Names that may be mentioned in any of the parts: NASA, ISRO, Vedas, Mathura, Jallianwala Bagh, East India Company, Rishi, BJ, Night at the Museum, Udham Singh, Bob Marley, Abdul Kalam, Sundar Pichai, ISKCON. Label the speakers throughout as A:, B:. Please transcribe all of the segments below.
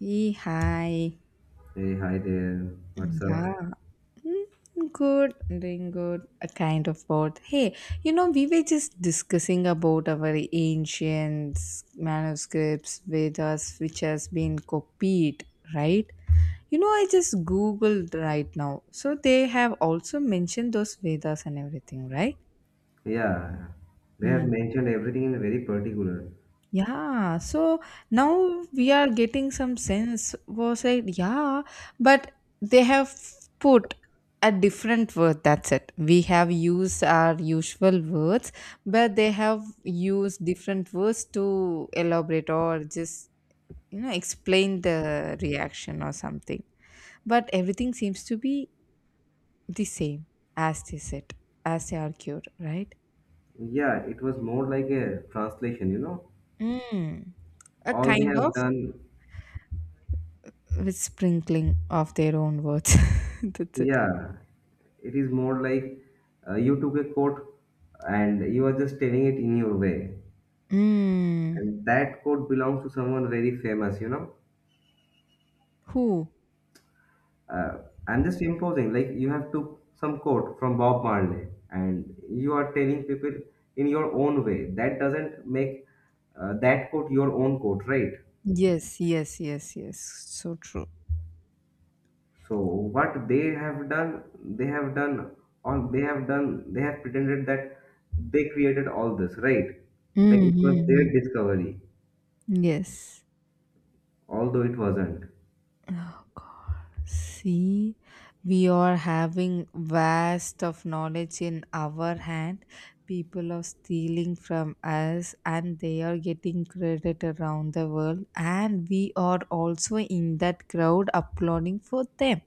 A: Hey, hi.
B: Hey, hi there.
A: Mm,
B: What's up?
A: yeah. Mm, good. I'm doing good. A kind of both. Hey, we were just discussing about our ancient manuscripts, Vedas, which has been copied, right? You know, I just Googled right now. So they have also mentioned those Vedas and everything, right?
B: Yeah, they have
A: Hmm.
B: mentioned everything in very particular.
A: Yeah, so now we are getting some sense. Was like, yeah, but they have put a different word. That's it. We have used our usual words, but they have used different words to elaborate or just, explain the reaction or something. But everything seems to be the same as they said, as they argued, right?
B: Yeah, it was more like a translation, you know.
A: Mm, a
B: All they
A: kind of.
B: have done,
A: With sprinkling of their own words. That's it.
B: yeah, it is more like you took a quote and you are just telling it in your way.
A: Mm.
B: And that quote belongs to someone very famous.
A: Who?
B: uh, I'm just imposing. Like you have took some quote from Bob Marley, and you are telling people in your own way. That doesn't make that quote your own quote, right?
A: Yes, yes, yes, yes. So true.
B: So what they have done, all. They have done, they have pretended that they created all this, right? Like it was their
A: Mm-hmm.
B: discovery,
A: Yes.
B: although it wasn't.
A: Oh God. See, we are having vast of knowledge in our hand. People are stealing from us and they are getting credit around the world. And we are also in that crowd applauding for them.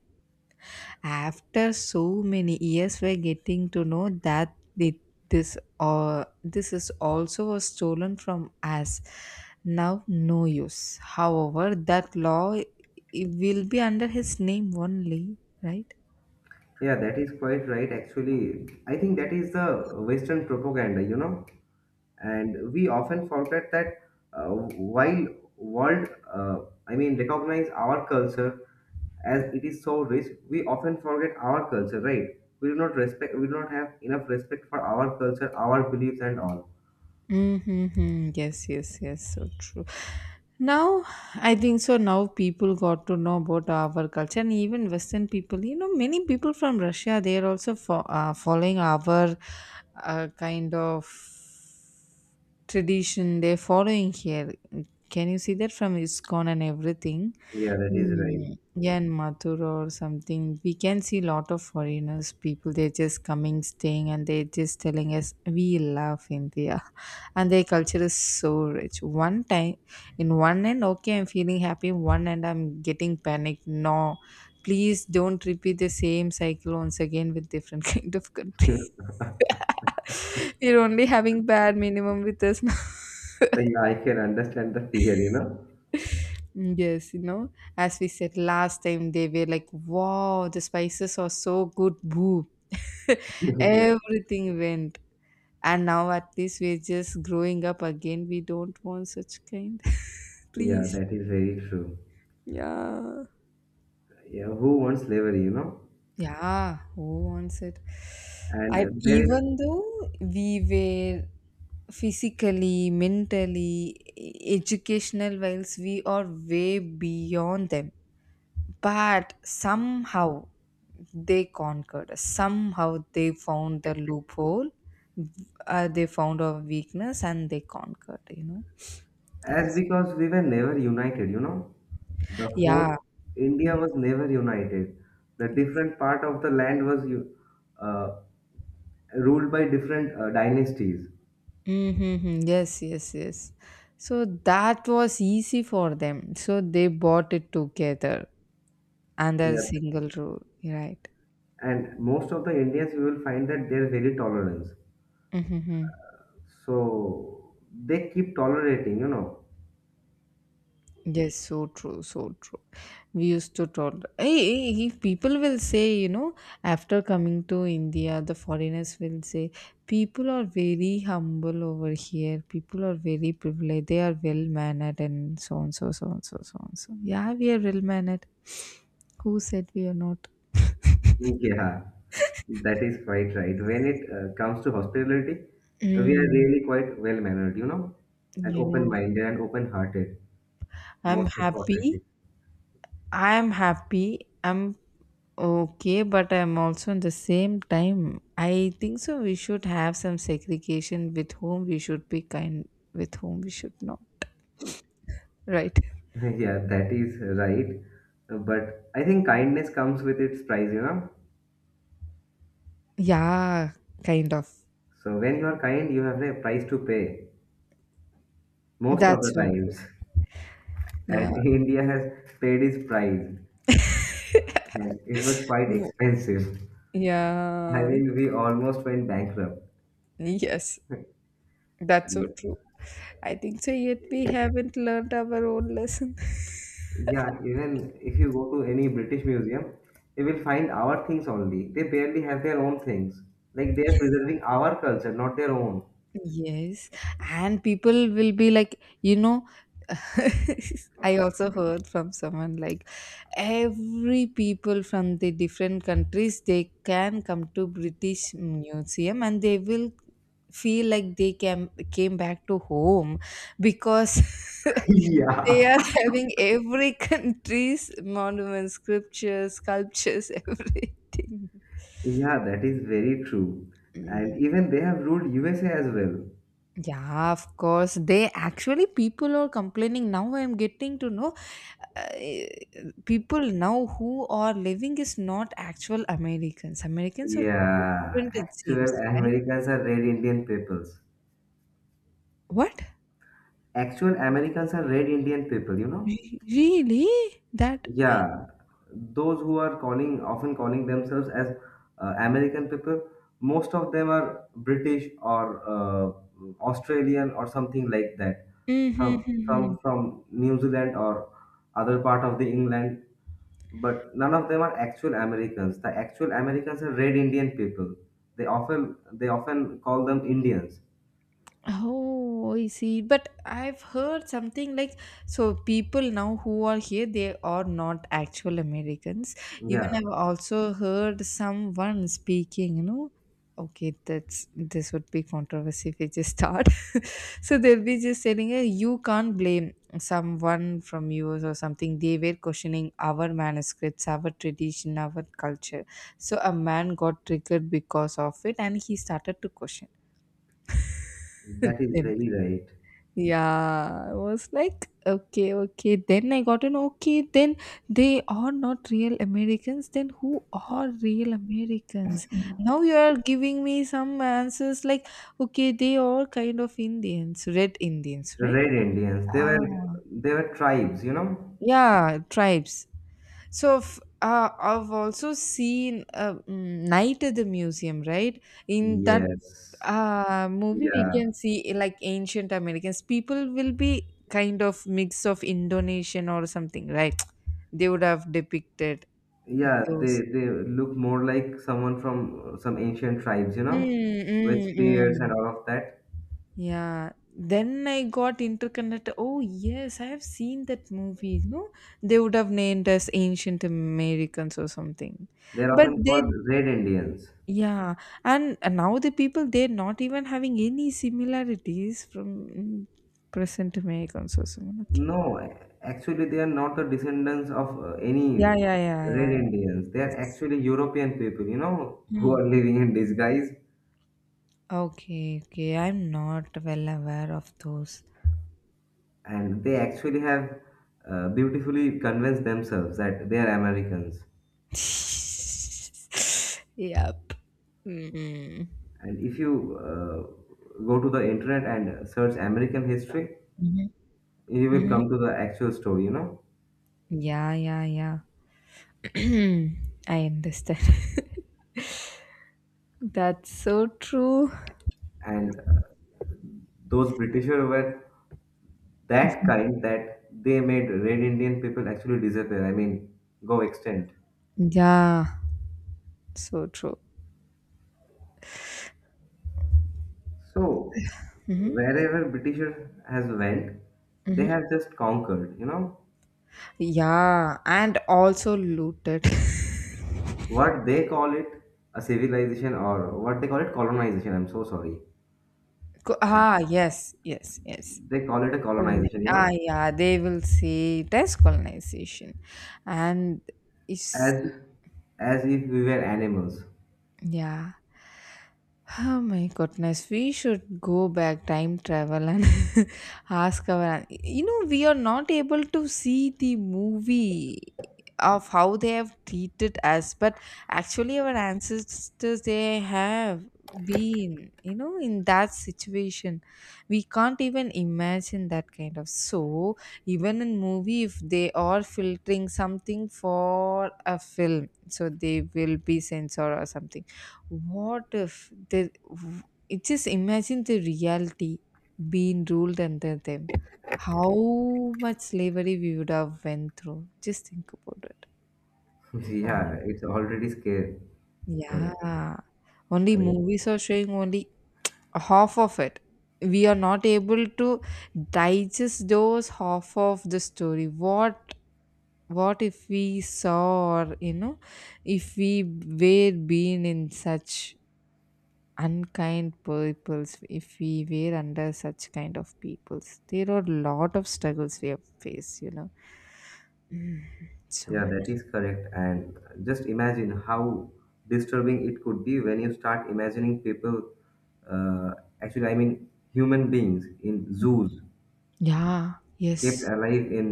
A: After so many years we're getting to know that this or this is also was stolen from us now. No use, however that law will be under his name only, right?
B: Yeah, that is quite right. Actually, I think that is the Western propaganda. And we often forget that uh, while world uh, I mean recognize our culture as it is so rich, we often forget our culture, right? We do not respect, we do not have enough respect for our culture, our beliefs and all.
A: Mm-hmm. Yes, yes, yes. So true. Now, I think so. Now people got to know about our culture, and even Western people. You know, many people from Russia they are also following our kind of tradition they're following here. Can you see that from ISKCON and everything?
B: Yeah, that is right.
A: Mm. Yeah, in Mathura or something, we can see lot of foreigners, people, they're just coming, staying, and they're just telling us, we love India. And their culture is so rich. One time, in one end, okay, I'm feeling happy. One end, I'm getting panicked. No, please don't repeat the same cycle once again with different kind of country. You are only having bad minimum with us now.
B: Yeah, I can understand the fear,
A: Mm, yes, you know, as we said last time, they were like, wow, the spices are so good, boo.
B: yeah.
A: Everything went. And now at least we're just growing up again. We don't want such kind.
B: Yeah,
A: Please.
B: that is very true.
A: Yeah.
B: Yeah, who wants slavery?
A: Yeah. Who wants it?
B: And
A: I
B: there is.
A: even though we were physically, mentally, educational wise, we are way beyond them. But somehow they conquered us. Somehow they found the loophole. They found a weakness and they conquered, you know. That
B: As
A: is.
B: because we were never united. The whole
A: Yeah.
B: India
A: Yes.
B: was never united. The
A: Yes.
B: different part of the land was uh, ruled by different dynasties.
A: Mm-hmm. Yes, yes, yes. So that was easy for them. So they bought it together under a
B: Yeah.
A: single rule, right?
B: And most of the Indians, you will find that they're very tolerant.
A: Mm-hmm.
B: So they keep tolerating.
A: Yes, so true, so true. We used to told, hey, hey, if people will say, you know, after coming to India, the foreigners will say, people are very humble over here. People are very privileged. They are well mannered and so on, so so on, so so on. So yeah, we are well mannered. Who said we are not?
B: Yeah, that is quite right. When it comes to hospitality, we are
A: Mm,
B: really quite well mannered, and
A: you
B: open
A: know,
B: minded and open hearted,
A: I'm
B: most
A: happy.
B: importantly.
A: I am happy. I'm okay, but I'm also in the same time. I think so. We should have some segregation with whom we should be kind, with whom we should not. Right?
B: Yeah, that is right. But I think kindness comes with its price.
A: Yeah, kind of.
B: So when you are kind, you have a price to pay most of
A: That's
B: the
A: so.
B: times.
A: Yeah.
B: And India has paid its price. Yes, it was quite
A: You-
B: expensive. I
A: Yeah.
B: mean, we almost went bankrupt.
A: Yes, that's
B: And
A: so true. I think so. Yet we haven't learned our own lesson.
B: yeah, even if you go to any British museum, you will find our things only. They barely have their own things. Like they are preserving our culture, not their own.
A: Yes, and people will be like, you know, I also heard from someone like every people from the different countries they can come to British Museum and they will feel like they came back to home because they
B: Yeah.
A: are having every country's monuments, scriptures, sculptures, everything.
B: Yeah, that is very true.
A: Mm.
B: And even they have ruled USA as well.
A: Yeah, of course. They actually people are complaining now. I'm getting to know uh, people now who are living is not actual Americans. Americans are
B: Yeah,
A: different, it
B: actual
A: seems, right?
B: Americans are red Indian peoples.
A: What?
B: Actual Americans are red Indian people, you know?
A: Really? That? I-
B: Yeah, those who are calling, often calling themselves as American people, most of them are British or Australian or something like that. Some, some
A: Mhm.
B: from New Zealand or other part of the England. But none of them are actual Americans. The actual Americans are red Indian people. They often call them Indians.
A: Oh, I see. But I've heard something like so people now who are here, they are not actual Americans. Even
B: Yeah,
A: I've also heard someone speaking, you know. Okay, that's this would be controversy if we just start. So they'll be just saying, hey, you can't blame someone from US or something. They were questioning our manuscripts, our tradition, our culture. So a man got triggered because of it and he started to question
B: that is
A: them.
B: very right.
A: Yeah, I was like, okay, okay. Then I got an okay. Then they are not real Americans. Then who are real Americans? Now you are giving me some answers like, okay, they are kind of Indians, red Indians, right?
B: Red Indians. They were
A: Ah,
B: they were tribes, you know?
A: yeah, tribes. So I've also seen Night at the Museum, right? In that
B: Yes.
A: movie we
B: Yeah.
A: can see like ancient americans people will be kind of mix of indonesian or something, right? They would have depicted
B: Yeah, they
A: those
B: they look more like someone from some ancient tribes, you know,
A: mm,
B: with
A: mm,
B: spears and
A: mm.
B: all of that.
A: Yeah, then I got interconnected. Oh yes, I have seen that movie. No, they would have named as ancient americans or something,
B: They're
A: but
B: often called
A: they
B: red Indians.
A: yeah. And now the people they're not even having any similarities from mm, present americans or someone, okay.
B: No, actually, they are not the descendants of any
A: Yeah, yeah, yeah,
B: Red
A: yeah, yeah.
B: Indians. They are actually European people, you know, who
A: Mm.
B: are living in disguise.
A: Okay, okay. I'm not well aware of those.
B: And they actually have beautifully convinced themselves that they are Americans.
A: Yep. Mm.
B: And if you go to the internet and search American history,
A: Mhm.
B: you will
A: Mhm.
B: come to the actual story, you know.
A: Yeah, yeah, yeah. I understand. That's so true.
B: And those Britishers were that kind that they made Red Indian people actually disappear. I mean, go extinct.
A: Yeah, so true.
B: So
A: Hmm.
B: wherever Britisher has went, they
A: Hmm.
B: have just conquered, you know,
A: Yeah, and also looted.
B: what they call it a civilization or what they call it colonization. I'm so sorry.
A: Ah, yes, yes, yes.
B: They call it a
A: Coloni,
B: colonization, you
A: ah,
B: know,
A: yeah, they will see it as colonization, and it's
B: as as if we were animals.
A: yeah. Oh my goodness, we should go back time travel and ask our. You know, we are not able to see the movie of how they have treated us, but actually, our ancestors they have been, you know, in that situation. We can't even imagine that kind of. So, even in movie, if they are filtering something for a film, so they will be censored or something. What if they it just imagine the reality being ruled under them? How much slavery we would have went through. Just think about it.
B: Yeah,
A: Um,
B: it's already scary. I mean,
A: yeah. Only
B: I mean,
A: movies are showing only half of it. We are not able to digest those half of the story. What if we saw, or you know, if we were being in such unkind peoples, if we were under such kind of peoples, there are a lot of struggles we have faced, you know. Mm, so
B: yeah, that
A: much.
B: is correct. And just imagine how disturbing it could be when you start imagining people, uh, actually, I mean, human beings in zoos
A: Yeah,
B: kept
A: yes.
B: alive in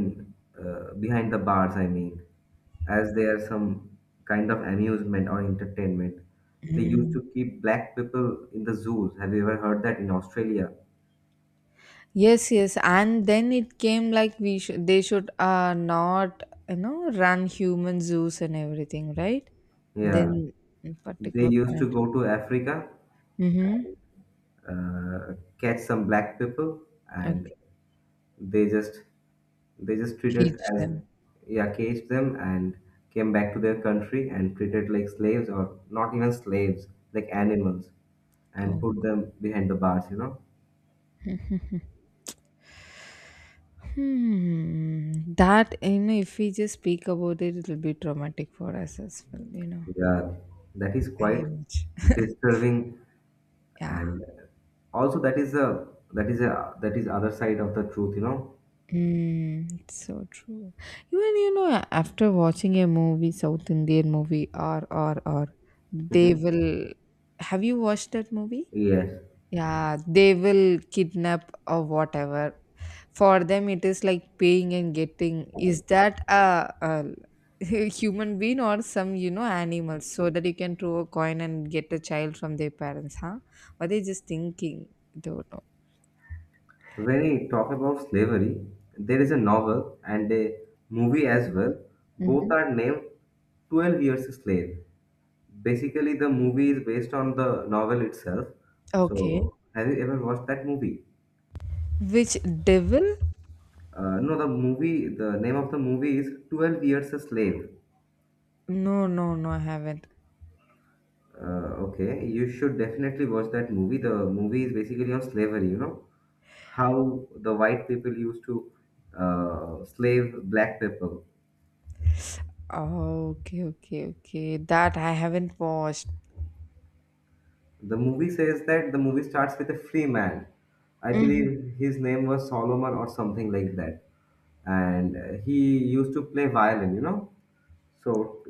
B: behind the bars, I mean, as they are some kind of amusement or entertainment. They used
A: Mm.
B: to keep black people in the zoos. Have you ever heard that in Australia?
A: Yes, yes, and then it came like we should, they should not, you know, run human zoos and everything, right?
B: Yeah,
A: Then in
B: they
A: particular
B: used to
A: point,
B: go to Africa
A: mm-hmm,
B: and uh, catch some black people
A: okay,
B: and. They just they just treated
A: cage
B: as,
A: them.
B: yeah, caged them and came back to their country and treated like slaves, or not even slaves, like animals,
A: Oh.
B: and put them behind the bars. You know,
A: Hmm. That you know, if we just speak about it, it'll be traumatic for us as well. You know.
B: yeah, that is quite
A: Very much.
B: disturbing.
A: Yeah.
B: And also that is a, that is other side of the truth. You know.
A: Mm, it's so true. Even you know, after watching a movie, South Indian movie, or, they
B: Hmm.
A: will. Have you watched that movie?
B: Yes.
A: Yeah, they will kidnap or whatever. For them it is like paying and getting. Is that a human being or some, you know, animals, so that you can throw a coin and get a child from their parents, huh? What they just thinking, don't know.
B: When we talk about slavery, there is a novel and a movie as well. Both
A: Hmm,
B: are named 12 Years a Slave. Basically, the movie is based on the novel itself.
A: okay.
B: So, have you ever watched that movie?
A: Which devil?
B: No, the movie, the name of the movie is 12 Years a Slave.
A: No, no, no, I haven't.
B: Okay, you should definitely watch that movie. The movie is basically on slavery, you know, how the white people used to slave black people.
A: Oh, okay, okay, okay, that I haven't watched.
B: The movie says that the movie starts with a free man. I
A: Mm-hmm,
B: believe his name was Solomon or something like that. And he used to play violin, you know. So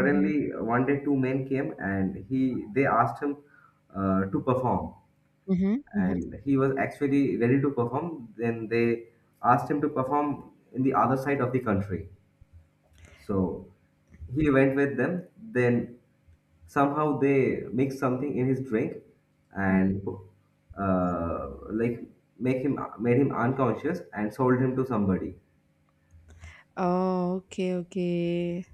A: mm-hmm,
B: one day two men came and he they asked him to perform.
A: mm-hmm, mm-hmm.
B: And he was actually ready to perform. Then they asked him to perform in the other side of the country. So he went with them. Then somehow they mix something in his drink and like make him made him unconscious and sold him to somebody.
A: Oh, okay, okay.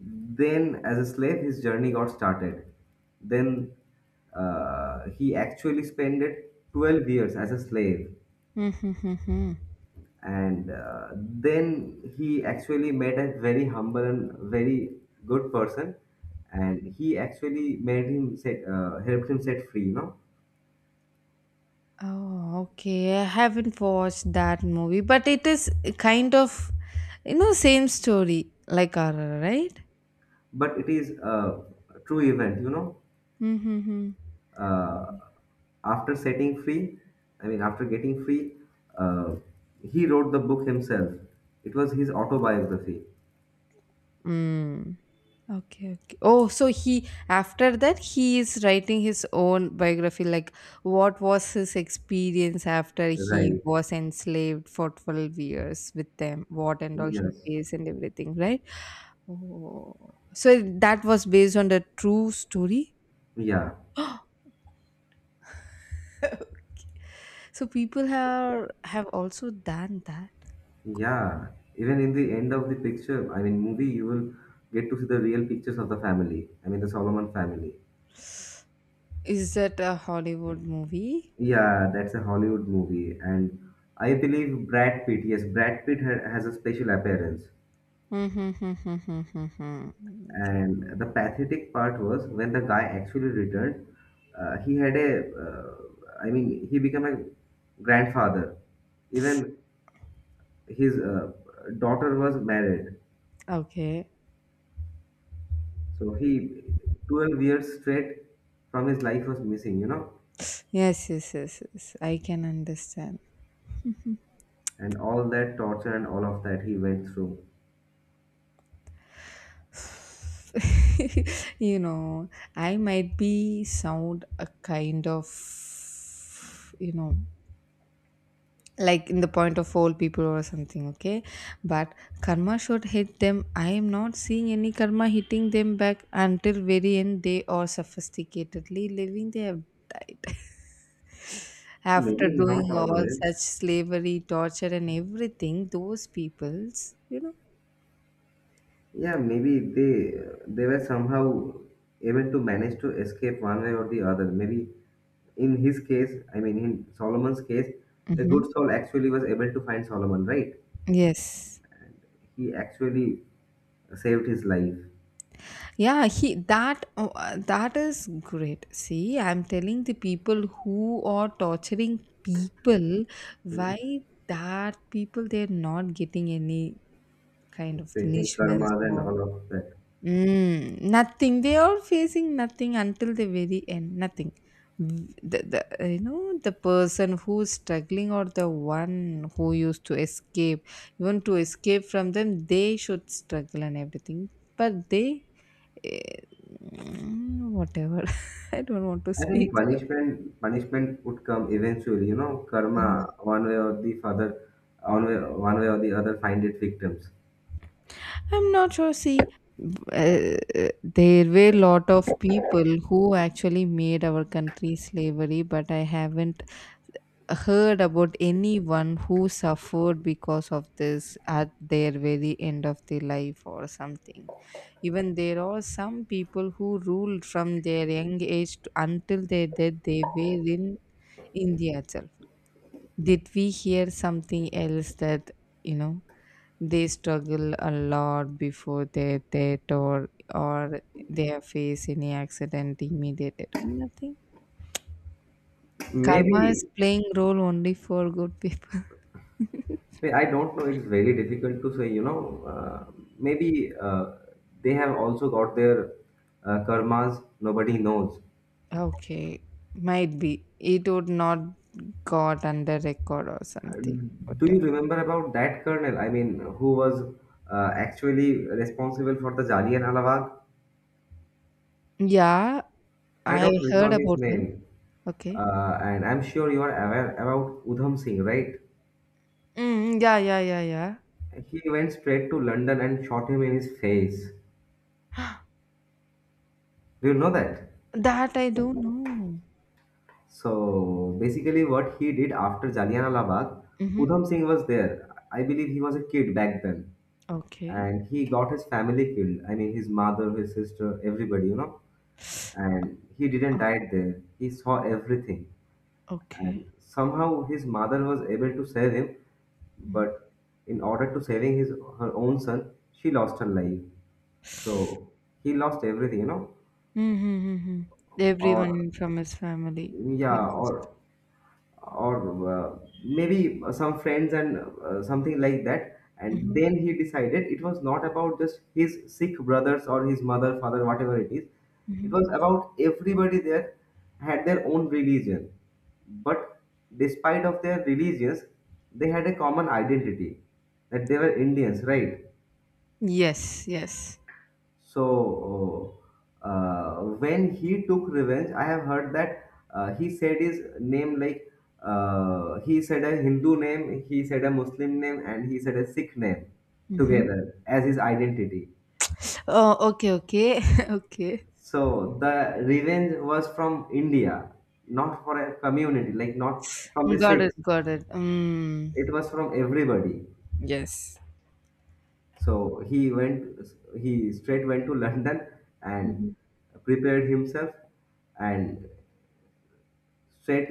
B: Then as a slave, his journey got started. Then he actually spent 12 years as a slave,
A: Mm-hmm, mm-hmm.
B: and then he actually met a very humble and very good person, and he actually made him set helped him set free, you know.
A: Oh, okay. I haven't watched that movie, but it is kind of, you know, same story like horror, right?
B: But it is a true event, you know.
A: Mm-hmm.
B: Uh, after setting free, I mean, after getting free, uh, he wrote the book himself. It was his autobiography.
A: Mm. Okay, okay. Oh, so he after that he is writing his own biography, like what was his experience after he
B: Right.
A: was enslaved for 12 years with them, what and all he
B: Yes.
A: faced and everything, right? Oh, so that was based on the true story.
B: Yeah.
A: So people have also done that.
B: Yeah, even in the end of the picture, I mean, movie, you will get to see the real pictures of the family. I mean, the Solomon family.
A: Is that a Hollywood movie?
B: Yeah, that's a Hollywood movie, and I believe Brad Pitt. Yes, Brad Pitt ha has a special appearance.
A: Hmm, okay.
B: And the pathetic part was when the guy actually returned, uh, he had a, uh, I mean, he became a grandfather. Even his daughter was married.
A: Okay.
B: So he, 12 years straight from his life was missing, you know,
A: Yes, yes, yes, yes. I can understand.
B: and all that torture and all of that he went through.
A: You know, I might be sound a kind of, you know, like in the point of old people or something, okay, but karma should hit them. I am not seeing any karma hitting them back. Until very end they are sophisticatedly living. They have died after
B: Maybe
A: doing
B: not
A: all
B: always.
A: such slavery torture and everything, those peoples, you know.
B: Yeah, maybe they were somehow able to manage to escape one way or the other. Maybe in his case, I mean, in Solomon's case, a
A: Hmm.
B: good soul actually was able to find Solomon, right?
A: Yes.
B: He actually saved his life,
A: Yeah, he that oh, that is great. See, I'm telling the people who are torturing people,
B: hmm,
A: why that people they're not getting any kind of
B: facing
A: punishments
B: karmas and
A: or
B: all of that.
A: mm, nothing. They are facing nothing until the very end. Nothing. V- the you know the person who's struggling or the one who used to escape, even to escape from them, they should struggle and everything. But they Eh, mm, whatever. I don't want to
B: I think
A: speak a lot.
B: punishment would come eventually, you know, karma one way or the other, one way, one way or the other find its victims.
A: I'm not sure. See, uh, there were lot of people who actually made our country slavery, but I haven't heard about anyone who suffered because of this at their very end of their life or something. Even there are some people who ruled from their young age to, until their death. They were in India itself. Did we hear something else that, you know they struggle a lot before their death, or they face any accident immediately? Nothing. Karma is
B: Maybe
A: playing role only for good people.
B: I don't know. It's very difficult to say, you know. Maybe they have also got their karmas. Nobody knows.
A: Okay, might be it would not got under record or
B: Uh,
A: something,
B: Do you
A: whatever.
B: remember about that colonel? I mean, who was actually responsible for the Jallianwala Bagh?
A: Yeah,
B: I
A: I
B: don't
A: heard
B: recall his
A: about him.
B: name.
A: Okay.
B: And I'm sure you are aware about Udham Singh, right?
A: Mm, yeah, yeah, yeah,
B: He went straight to London and shot him in his face.
A: yeah.
B: Do you know that?
A: That I don't know.
B: So basically, what he did after Jallianwala Bagh,
A: Mm-hmm.
B: Udham Singh was there. I believe he was a kid back then,
A: Okay.
B: and he got his family killed. I mean, his mother, his sister, everybody, you know. And he didn't die there. He saw everything.
A: Okay.
B: And somehow his mother was able to save him,
A: Mm-hmm.
B: but in order to saving his her own son, she lost her life. So he lost everything, you know.
A: Mm-hmm. Mm-hmm.
B: Or
A: Everyone from his family. He
B: yeah,
A: lost.
B: or maybe some friends and something like that, and
A: Mm-hmm.
B: then he decided it was not about just his sick brothers or his mother father, whatever it is, it
A: Mm-hmm.
B: was about everybody there. Had their own religion, but despite of their religions, they had a common identity, that they were Indians, right?
A: Yes, yes.
B: So when he took revenge, I have heard that he said his name, like he said a Hindu name, he said a Muslim name, and he said a Sikh name
A: Mm-hmm.
B: together as his identity.
A: Oh, okay, okay, okay.
B: So the revenge was from India, not for a community, like not from the
A: Got it,
B: Sikhs.
A: got it. Mm.
B: It was from everybody.
A: Yes.
B: So he went, he straight went to London
A: Mm-hmm.
B: and prepared himself and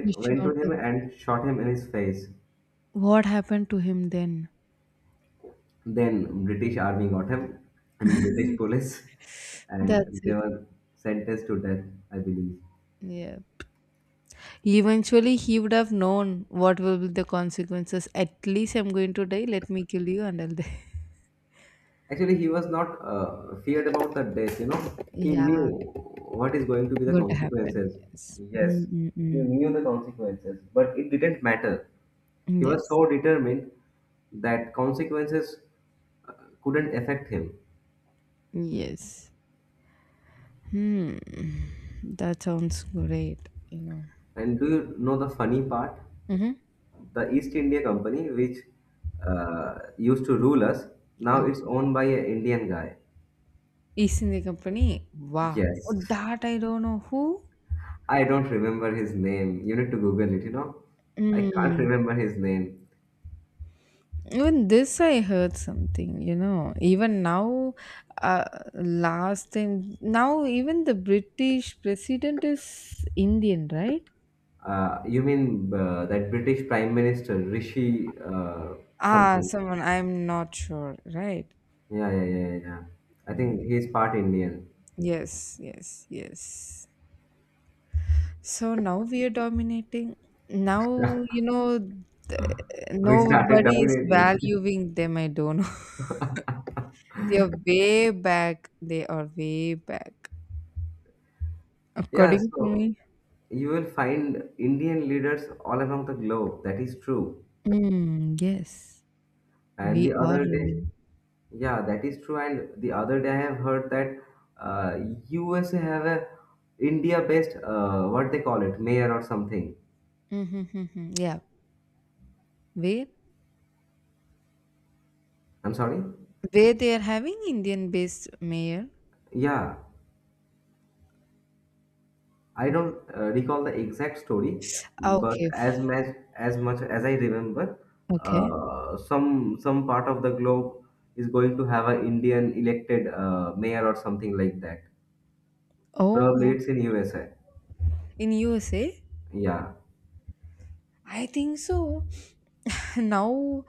A: He
B: went to
A: shot
B: him
A: him.
B: and shot him in his face.
A: What happened to him then?
B: Then British army got him, I mean British police,
A: That's
B: and they
A: it.
B: were sentenced to death, I believe.
A: Yeah. Eventually, he would have known what will be the consequences. At least I'm going to die. Let me kill you and I'll die.
B: Actually, he was not feared about the death, you know. He knew
A: Yeah.
B: what is going to be the
A: Going to happen.
B: consequences.
A: Yes.
B: Yes, he
A: Mm-mm-mm.
B: knew the consequences, but it didn't matter. He was
A: Yes.
B: so determined that consequences uh, couldn't affect him.
A: Yes. Hmm. That sounds great. You know.
B: And do you know the funny part?
A: Mm-hmm.
B: The East India Company, which used to rule us, now
A: Okay.
B: it's owned by an Indian guy.
A: East India Company. Wow. Oh,
B: Yes.
A: that I don't know who.
B: I don't remember his name. You need to Google it. I can't
A: Mm.
B: remember his name.
A: Even this, I heard something. You know. Even now, uh, last time. Now, even the British president is Indian, right?
B: You mean that British Prime Minister, Rishi
A: Ah,
B: something?
A: someone. I'm not sure. Right.
B: Yeah, yeah, yeah, yeah, yeah. I
A: Mm.
B: think he's part Indian.
A: Yes. Yes. Yes. So now we are dominating. Now, you know, th-
B: We started
A: nobody is
B: dominating.
A: valuing them. I don't know. They are way back. They are way back.
B: Yeah,
A: According to
B: so
A: me,
B: you will find Indian leaders all around the globe. That is true.
A: mm, yes,
B: And
A: we
B: the
A: are
B: other day,
A: ruling.
B: yeah, that is true. And the other day, I have heard that uh, USA have a India-based what they call it, mayor or something.
A: Mm-hmm, yeah. Where?
B: I'm sorry.
A: Where they are having Indian based mayor?
B: Yeah, I don't recall the exact story,
A: Ah,
B: but
A: okay.
B: as much as much as I remember,
A: Okay.
B: some part of the globe is going to have an Indian elected mayor or something like that. Probably
A: Oh,
B: it's in USA.
A: in USA?
B: Yeah.
A: I think so. Now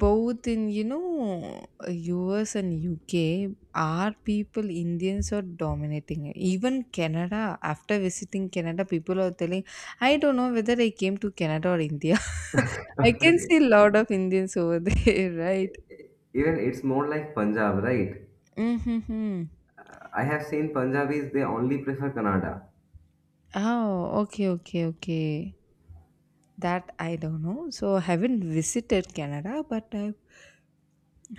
A: both in, US and UK are people Indians are dominating it. Even Canada, after visiting Canada people are telling, I don't know whether I came to Canada or India. I can see a lot of Indians over there, right?
B: Even it's more like Punjab, right?
A: Mm-hmm.
B: I have seen Punjabis, they only prefer Kannada.
A: Oh, okay, okay, okay. That I don't know. So I haven't visited Canada, but I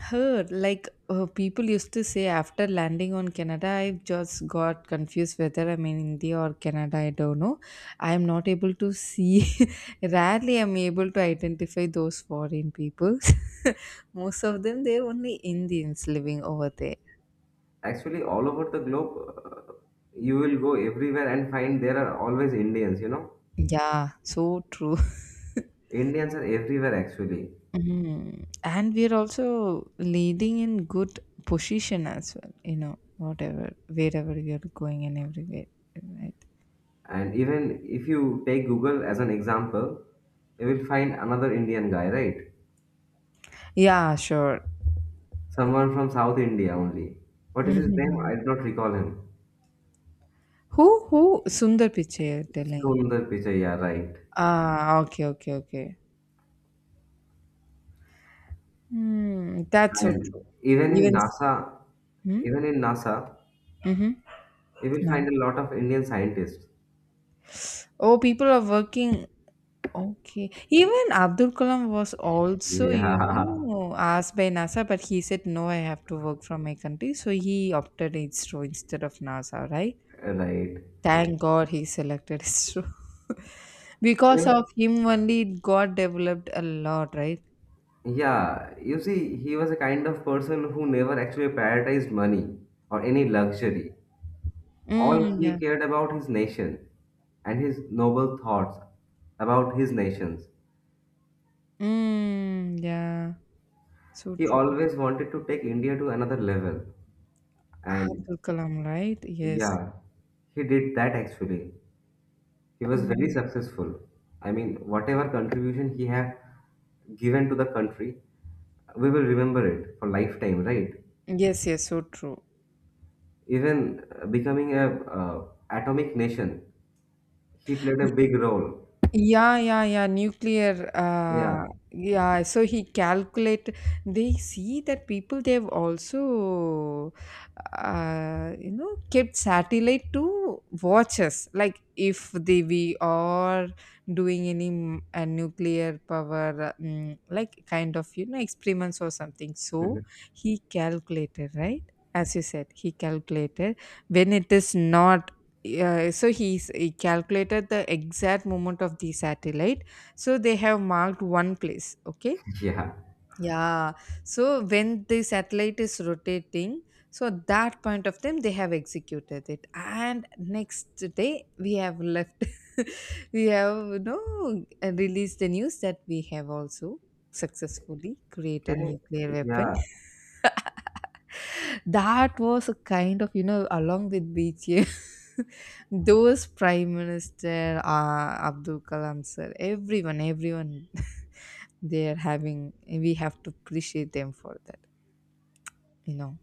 A: heard like, people used to say after landing on Canada, I just got confused whether I'm in India or Canada. I don't know. I am not able to see. Rarely I'm able to identify those foreign people. Most of them they're only Indians living over there.
B: Actually, all over the globe, you will go everywhere and find there are always Indians.
A: Yeah, so true.
B: Indians are everywhere actually.
A: Hmm. And we're also leading in good position as well, whatever, wherever we are going and everywhere, right?
B: And even if you take Google as an example, you will find another Indian guy, right?
A: Yeah, sure.
B: Someone from South India only. What is his name?
A: Mhm.
B: I do not recall him.
A: Who Sundar Pichai you're telling?
B: Sundar Pichai, yeah, right.
A: Ah, okay, okay, okay. Hmm, that's so true.
B: And even in
A: Even
B: NASA,
A: hmm?
B: even in NASA,
A: Hmm. Mm-hmm.
B: you will
A: Yeah.
B: find a lot of Indian scientists.
A: Oh, people are working. Okay. Even Abdul Kalam was also,
B: Yeah.
A: asked by NASA, but he said, no, I have to work from my country. So he opted ISRO instead of NASA, right?
B: Right.
A: Thank God he selected ISRO.
B: You
A: Because of
B: know,
A: him only, it got developed a lot, right?
B: yeah, you see, he was a kind of person who never actually prioritized money or any luxury. All
A: Mm,
B: he
A: yeah.
B: cared about his nation and his noble thoughts about his nations.
A: Mm, yeah, so
B: He
A: true.
B: always wanted to take India to another level. And
A: Abdul Kalam, right? Yes.
B: yeah, he did that actually. He was very
A: Mm.
B: successful. I mean, whatever contribution he had given to the country, we will remember it for lifetime, right?
A: Yes, yes, so true.
B: Even becoming a atomic nation, he played a big role.
A: Yeah, yeah, yeah. Nuclear.
B: Yeah.
A: Yeah. So he calculate. They see that people they've also, kept satellite to watch us. Like if they we are doing any nuclear power, like kind of experiments or something. So he calculated, right. As you said, he calculated when it is not, yeah, so he calculated the exact moment of the satellite. So they have marked one place. Okay.
B: Yeah.
A: Yeah. So when the satellite is rotating, so at that point of time they have executed it, and next day we have left. We have, released the news that we have also successfully
B: Can
A: created
B: I,
A: nuclear weapon.
B: yeah.
A: That was a kind of, along with BJ, those Prime Minister, Abdul Kalam sir, everyone, everyone, they are having, we have to appreciate them for that, you know.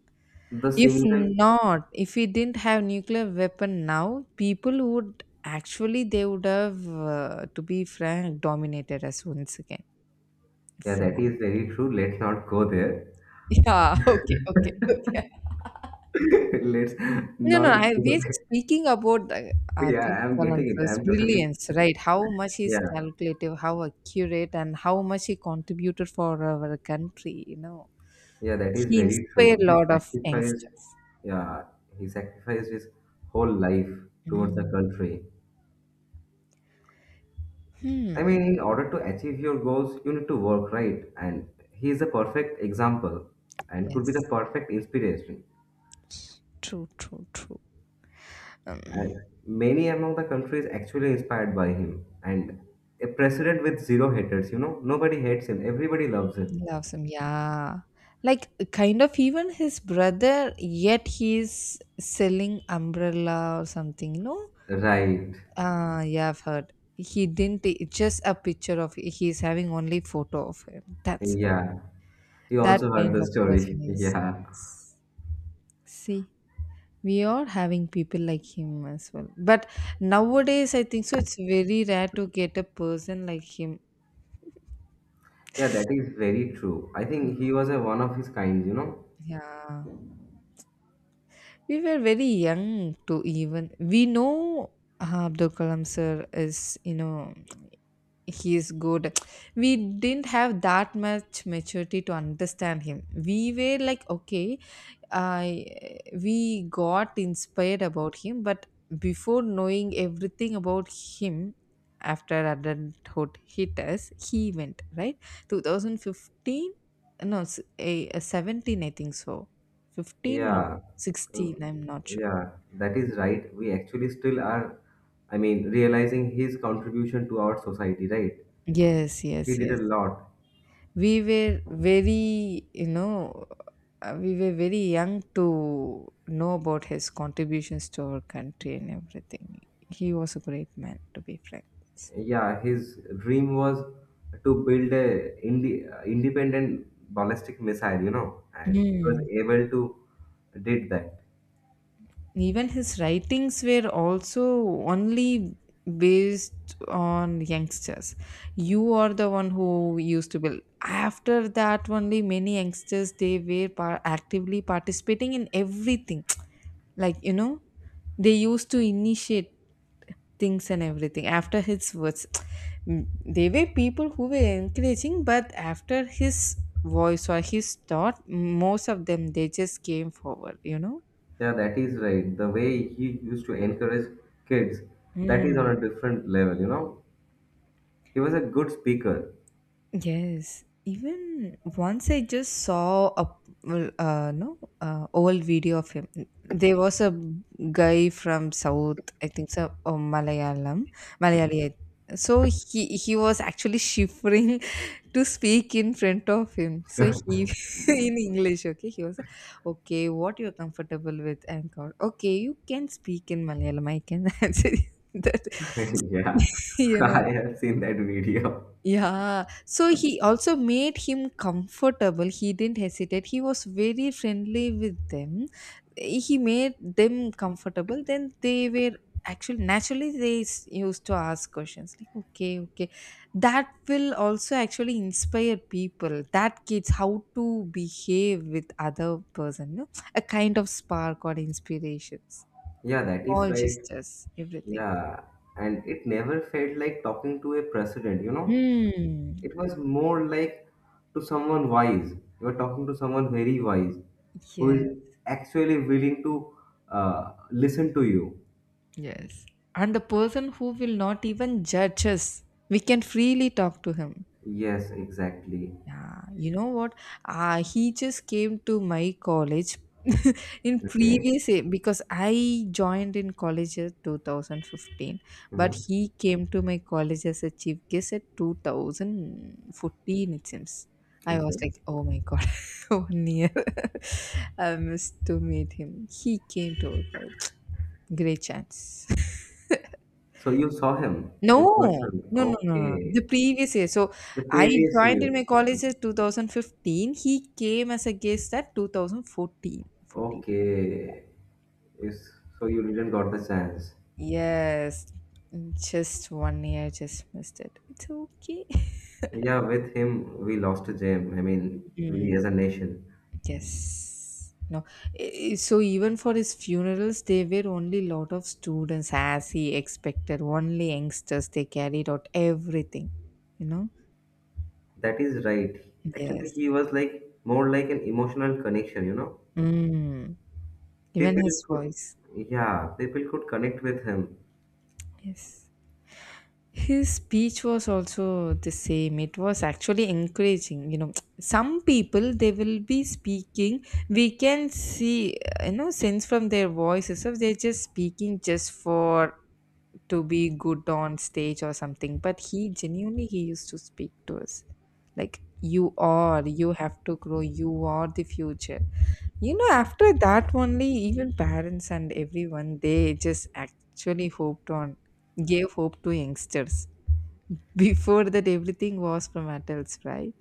B: The
A: If
B: single
A: not, if we didn't have nuclear weapon now, people would actually, they would have, to be frank, dominated us once again.
B: yeah,
A: If
B: that
A: not.
B: is very true. Let's not go there.
A: Yeah, okay, okay, okay.
B: Let's
A: No, no,
B: not go
A: we're
B: there.
A: just speaking about the
B: Yeah,
A: Abdul
B: I'm getting it.
A: Kalam's
B: I'm totally
A: brilliance, right? How much he's
B: yeah,
A: calculative, how accurate, and how much he contributed for our country.
B: yeah, that is
A: He
B: very
A: inspired
B: true.
A: a
B: He
A: lot of
B: sacrificed
A: youngsters.
B: yeah, he sacrificed his whole life towards the
A: Mm.
B: country. I
A: Hmm.
B: mean, in order to achieve your goals, you need to work, right? And he is a perfect example and could be the
A: Yes.
B: perfect inspiration.
A: True. True. True. Um,
B: And many among the countries actually inspired by him. And a president with zero haters, you know, nobody hates him, everybody loves him.
A: Loves him. Yeah. Like kind of even his brother, yet he's selling umbrella or something. No,
B: Right.
A: Yeah, I've heard. He didn't take just a picture of it. He's having only photo of him. That's it.
B: Yeah. You
A: That
B: also heard
A: kind
B: the
A: of
B: story.
A: person is.
B: Yeah.
A: Yes. See, we are having people like him as well. But nowadays, I think so. It's very rare to get a person like him.
B: Yeah, that is very true. I think he was a one of his kind, you know.
A: Yeah. We were very young to even. We know, Abdul Kalam sir is, he's good. We didn't have that much maturity to understand him. We were like, okay, I we got inspired about him, but before knowing everything about him, after adulthood hit us, he went right 2015. No, a 17, I think so. 15 or
B: Yeah, uh,
A: 16, I'm not sure.
B: yeah, that is right. We actually still are, I mean, realizing his contribution to our society, right?
A: Yes,
B: He
A: yes,
B: did a
A: yes.
B: lot.
A: we were very We were very young to know about his contributions to our country and everything. He was a great man, to be frank.
B: Yeah, his dream was to build a indi independent ballistic missile, you know, and he was
A: Mm.
B: able to did that.
A: Even his writings were also only based on youngsters. You are the one who used to build. After that, only many youngsters they were actively participating in everything. Like, they used to initiate things and everything after his words. Mm, they were people who were encouraging but after his voice or his thought most of them they just came forward.
B: Yeah, that is right. The way he used to encourage kids, that is on
A: Mm.
B: a different level, you know. He was a good speaker.
A: Yes, even once I just saw a well, no, old video of him. There was a guy from South, I think so, oh, Malayalam, Malayali. So he was actually shivering to speak in front of him. So he in English, okay, he was okay. What you're comfortable with, and God, okay, you can speak in Malayalam. I can answer that.
B: Yeah,
A: You know.
B: I have seen that video.
A: Yeah, so he also made him comfortable. He didn't hesitate. He was very friendly with them. He made them comfortable. Then they were actually naturally they used to ask questions like, okay, okay. That will also actually inspire people. That kids how to behave with other person. No? A kind of spark or inspirations,
B: Yeah, that is
A: small
B: right.
A: gestures, everything.
B: Yeah. And it never felt like talking to a president, you know?
A: Hmm.
B: It was more like to someone wise. You are talking to someone very wise who is
A: Yeah.
B: actually willing to listen to you.
A: Yes. And the person who will not even judge us, we can freely talk to him.
B: Yes, exactly.
A: Yeah, you know what? He just came to my college in
B: Okay.
A: previous year because I joined in college in 2015, but
B: Mhm.
A: he came to my college as a chief guest at 2014, it seems. I was
B: Okay.
A: like, oh my god, one year. I missed to meet him. He came to our college. Great chance.
B: So you saw him
A: No,
B: in person.
A: no, no, no, no. The
B: Okay.
A: previous year. So
B: The
A: I
B: previous
A: joined
B: year.
A: in my college
B: Okay.
A: in 2015. He came as a guest at 2014. 14. Fourteen.
B: Okay. Yes. So you didn't got the chance.
A: Yes. Just one year, just missed it. It's okay.
B: Yeah, with him, we lost a gem. I mean, we
A: Mm,
B: as a nation.
A: yes. No. So even for his funerals, there were only lot of students as he expected. Only youngsters. They carried out everything. You know?
B: That is right. Actually,
A: Yes.
B: he was like more like an emotional connection, you know?
A: Mm. Even
B: People
A: his
B: could,
A: voice.
B: yeah, people could connect with him.
A: Yes. His speech was also the same. It was actually encouraging. Some people they will be speaking. We can see, sense from their voices if they're just speaking just for to be good on stage or something. But he genuinely he used to speak to us like you have to grow, you are the future, after that only even parents and everyone they just actually hoped on gave hope to youngsters. Before that, everything was from adults, right?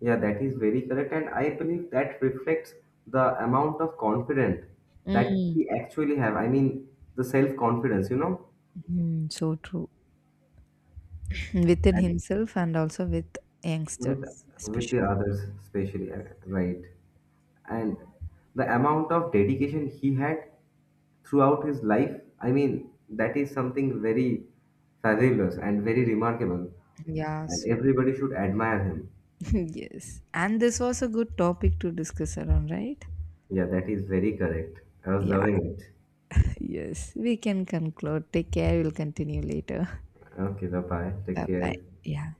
B: Yeah, that is very correct. And I believe that reflects the amount of confidence that
A: Mm.
B: he actually have. I mean, the self-confidence, you know?
A: Mm, so true. Within
B: And
A: himself and also with
B: with
A: youngsters,
B: with the
A: especially.
B: others, especially, right? And the amount of dedication he had throughout his life. I mean, that is something very fabulous and very remarkable,
A: Yeah,
B: and
A: so
B: everybody should admire him.
A: yes. And this was a good topic to discuss around, right?
B: Yeah, that is very correct. I was
A: Yeah,
B: loving it.
A: yes. We can conclude. Take care. We'll continue later.
B: Okay, bye bye, take
A: Bye
B: care.
A: bye. Yeah.